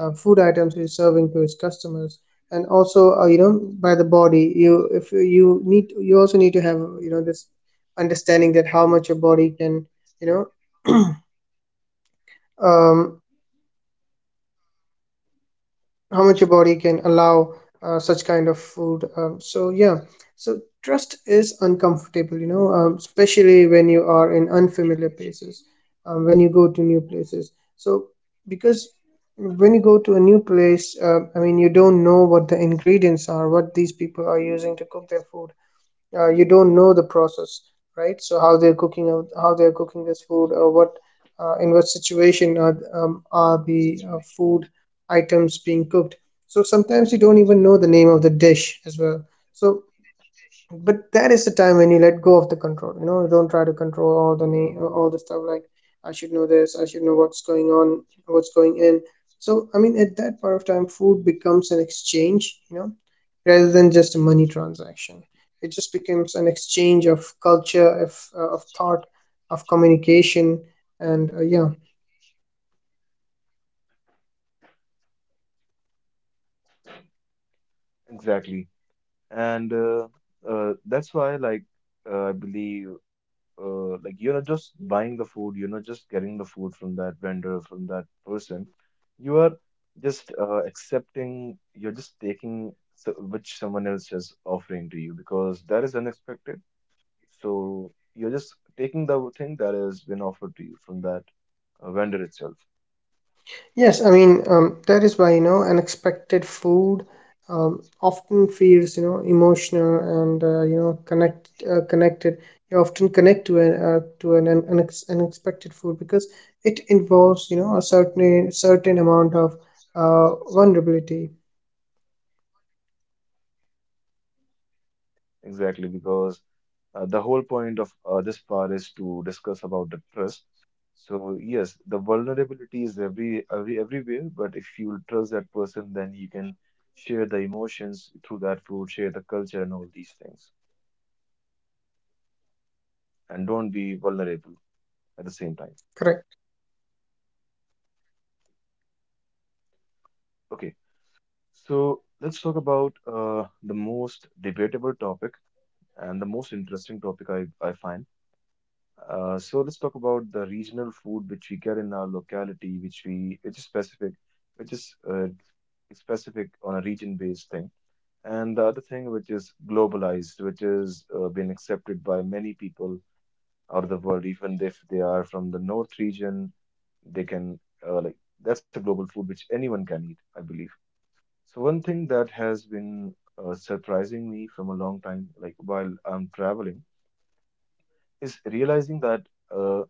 S2: food items he's serving to his customers. And also, you know, by the body, you, if you need, you also need to have, you know, this understanding that how much your body can, you know. Um, how much your body can allow such kind of food. So yeah, so trust is uncomfortable, you know, especially when you are in unfamiliar places, when you go to new places. So because when you go to a new place, I mean, you don't know what the ingredients are, what these people are using to cook their food. You don't know the process, right? So how they're cooking out how they're cooking this food, or what, in what situation are the, food items being cooked. So sometimes you don't even know the name of the dish as well. So, but that is the time when you let go of the control. You know, you don't try to control all the stuff, like I should know this, I should know what's going on, what's going in. So I mean, at that point of time, food becomes an exchange, you know, rather than just a money transaction. It just becomes an exchange of culture, of, of thought, of communication, and yeah.
S1: Exactly. And that's why, like, I believe like you're not just buying the food, you're not just getting the food from that vendor, from that person. You are just accepting, you're just taking so, which someone else is offering to you because that is unexpected. So you're just taking the thing that has been offered to you from that vendor itself.
S2: Yes, I mean, that is why, you know, unexpected food, often feels, you know, emotional and, you know, connected. You often connect to an unexpected food because it involves, you know, a certain amount of, vulnerability.
S1: Exactly, because the whole point of this part is to discuss about the trust. So yes, the vulnerability is everywhere, but if you trust that person, then you can share the emotions through that food, share the culture and all these things, and don't be vulnerable at the same time.
S2: Correct.
S1: Okay, so let's talk about the most debatable topic and the most interesting topic I find. So let's talk about the regional food which we get in our locality, which we which is specific on a region-based thing. And the other thing which is globalized, which is been accepted by many people out of the world, even if they are from the north region, they can like that's a global food which anyone can eat, I believe. So one thing that has been surprising me from a long time, like while I'm traveling, is realizing that. uh,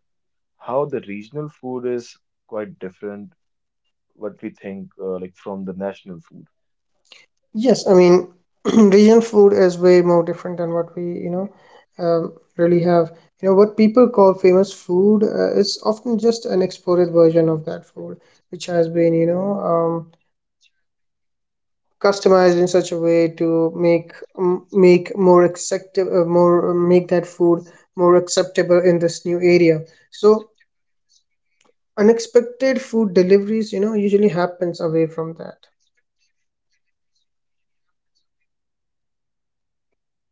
S1: how the regional food is quite different what we think from the national food.
S2: Yes, I mean, regional food is way more different than what we, you know, really have. You know, what people call famous food is often just an exported version of that food, which has been, you know, customized in such a way to make, make more acceptable, more make that food more acceptable in this new area. So unexpected food deliveries, you know, usually happens away from that.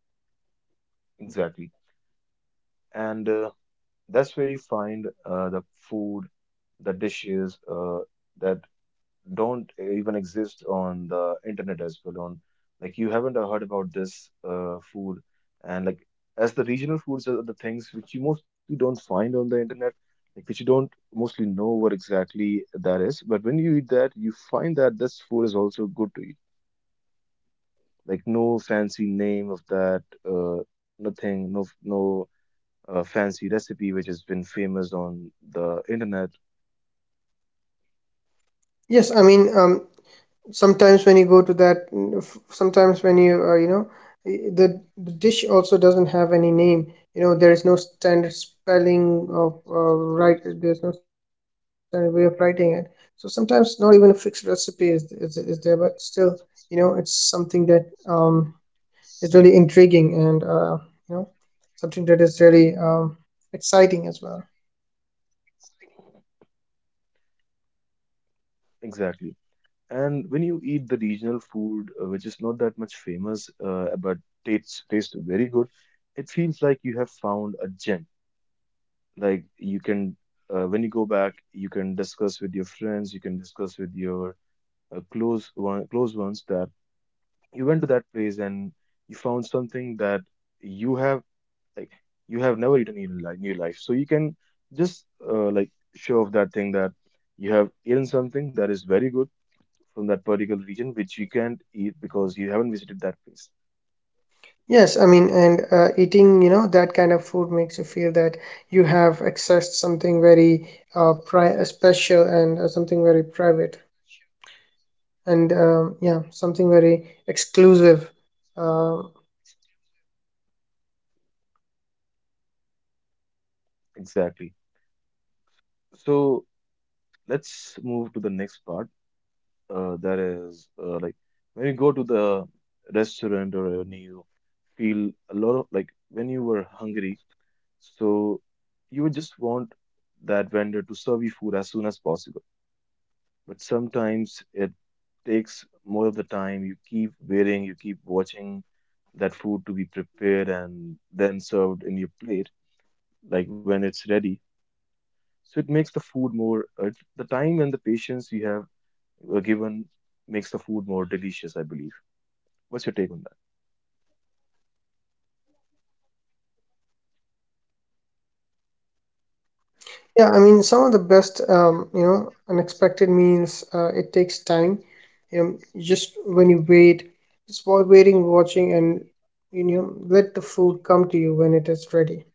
S1: Exactly. And that's where you find food the dishes that don't even exist on the internet as well on Like you haven't heard about this food, and as the regional foods are the things which you mostly don't find on the internet, like which you don't mostly know what exactly that is, but when you eat that you find that this food is also good to eat. Like no fancy name of that, uh, nothing, no fancy recipe which has been famous on the internet.
S2: Yes, I mean, sometimes when you go to that sometimes when you you know, the dish also doesn't have any name. You know, there is no standard spelling of, right, there's no standard way of writing it. So sometimes not even a fixed recipe is there, but still, you know, it's something that is really intriguing, and you know, something that is really exciting as well.
S1: Exactly. And when you eat the regional food, which is not that much famous, but tastes very good, it feels like you have found a gem. Like you can, when you go back, you can discuss with your friends, you can discuss with your close ones that you went to that place and you found something that you have, like you have never eaten in your in your life, so you can just uh, like show off that thing, that you have eaten something that is very good from that particular region which you can't eat because you haven't visited that place.
S2: Yes, I mean, and eating, you know, that kind of food makes you feel that you have accessed something very, special, and something very private, and yeah, something very exclusive. Um
S1: Exactly. So let's move to the next part, that is when you go to the restaurant, or when you feel a lot of, like, when you were hungry, so you would just want that vendor to serve you food as soon as possible, but sometimes it takes more of the time. You keep waiting, you keep watching that food to be prepared and then served in your plate, like when it's ready. So it makes the food more, the time and the patience you have given makes the food more delicious, I believe. What's your take on that?
S2: yeah, I mean, some of the best, you know, unexpected meals, it takes time. You know, just when you wait, just while waiting, watching, and you know, let the food come to you when it is ready.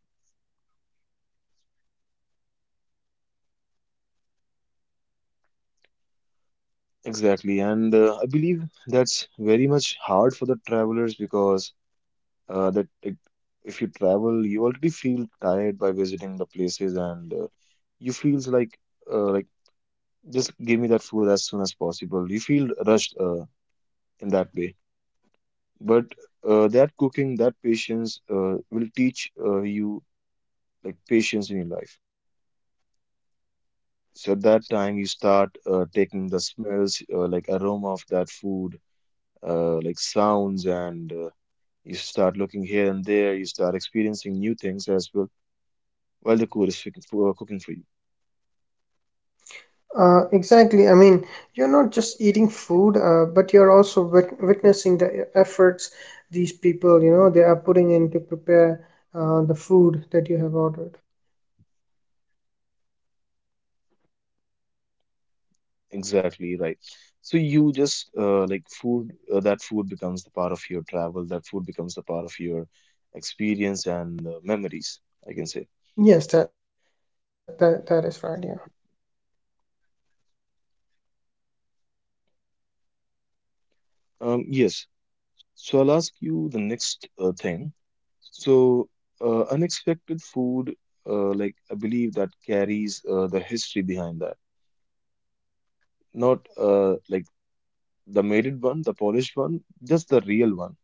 S1: Exactly. And I believe that's very much hard for the travelers, because that, like, if you travel, you already feel tired by visiting the places, and you feels like uh, like just give me that food as soon as possible. You feel rushed in that way. But that cooking, that patience will teach you, like, patience in your life. So at that time, you start taking the smells, like aroma of that food, like sounds, and you start looking here and there. You start experiencing new things as well while the cook is cooking for you.
S2: Exactly. I mean, you're
S1: So
S2: not just eating food, but you're also witnessing the efforts these people, you know, they are putting in to prepare, the food that you have ordered.
S1: exactly right. So you just that food becomes the part of your travel, that food becomes the part of your experience and memories, I can say.
S2: Yes, that is right. Yeah.
S1: Yes. So I'll ask you the next thing. So unexpected food, I believe that carries the history behind that, not the made one, the polished one, just the real one,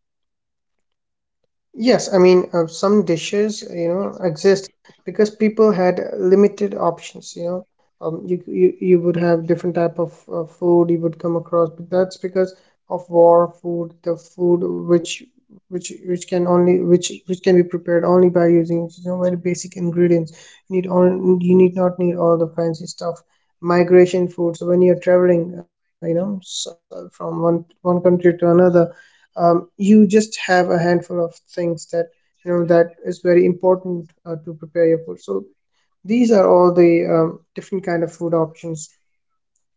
S2: Yes, I mean, some dishes, you know, exist because people had limited options, you know. You, you would have different type of, food you would come across, but that's because of war food, the food which can only, which can be prepared only by using, you know, very basic ingredients. You need all you need not need all the fancy stuff. Migration food. So when you're traveling, you know, so from one country to another, you just have a handful of things that, you know, that is very important to prepare your food. So these are all the, different kind of food options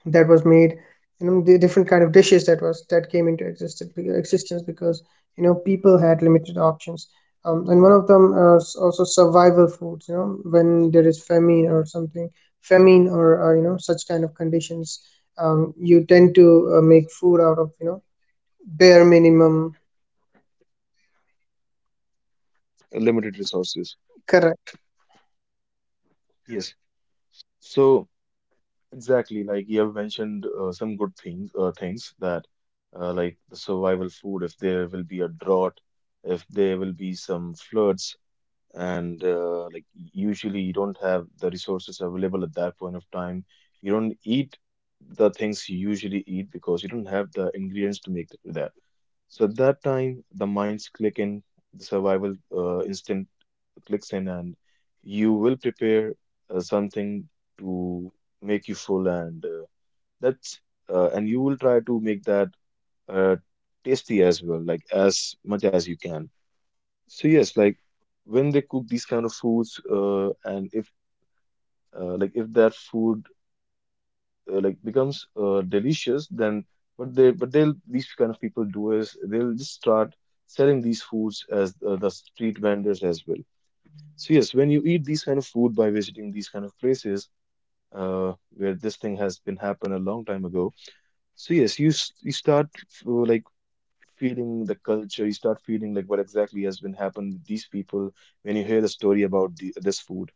S2: that was made, you know, the different kind of dishes that was that came existence because, you know, people had limited options. And one of them is also survival foods. You know, when there is famine or something, famine or you know, such kind of conditions, you tend to make food out of, you know, bare minimum.
S1: limited resources.
S2: Correct.
S1: Yes. So exactly, like you have mentioned some good things, things that the survival food, if there will be a drought, if there will be some floods, and usually you don't have the resources available at that point of time. You don't eat the things you usually eat because you don't have the ingredients to make that. So at that time, the minds click in, the survival instinct clicks in, and you will prepare something to make you full, and that's and you will try to make that uh, tasty as well, like as much as you can. So yes, like when they cook these kind of foods, and if if that food becomes delicious, then what they'll these kind of people do is they'll just start selling these foods as the street vendors as well. So yes, when you eat these kind of food by visiting these kind of places where this thing has been happened a long time ago, so yes, you start uh, like feeling the culture, you start feeling like what exactly has been happened with these people when you hear the story about this food.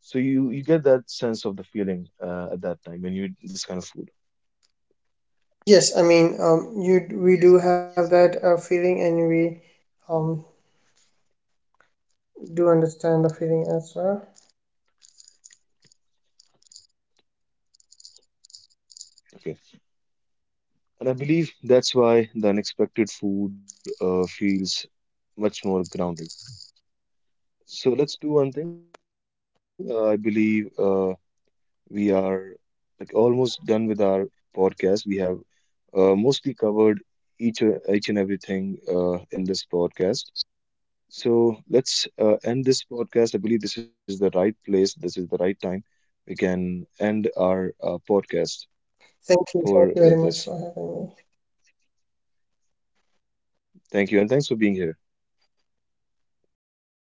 S1: So you get that sense of the feeling at that time when you eat this kind of food.
S2: Yes, I mean, you, we do have that feeling, and we um do understand the feeling as well.
S1: Okay. And I believe that's why the unexpected food feels much more grounded. So let's do one thing. I believe we are, like, almost done with our podcast. We have mostly covered each and everything in this podcast. So let's end this podcast. I believe this is the right place. This is the right time. We can end our podcast for
S2: Thank you
S1: this.
S2: very much for having me.
S1: Thank you, and thanks for being here.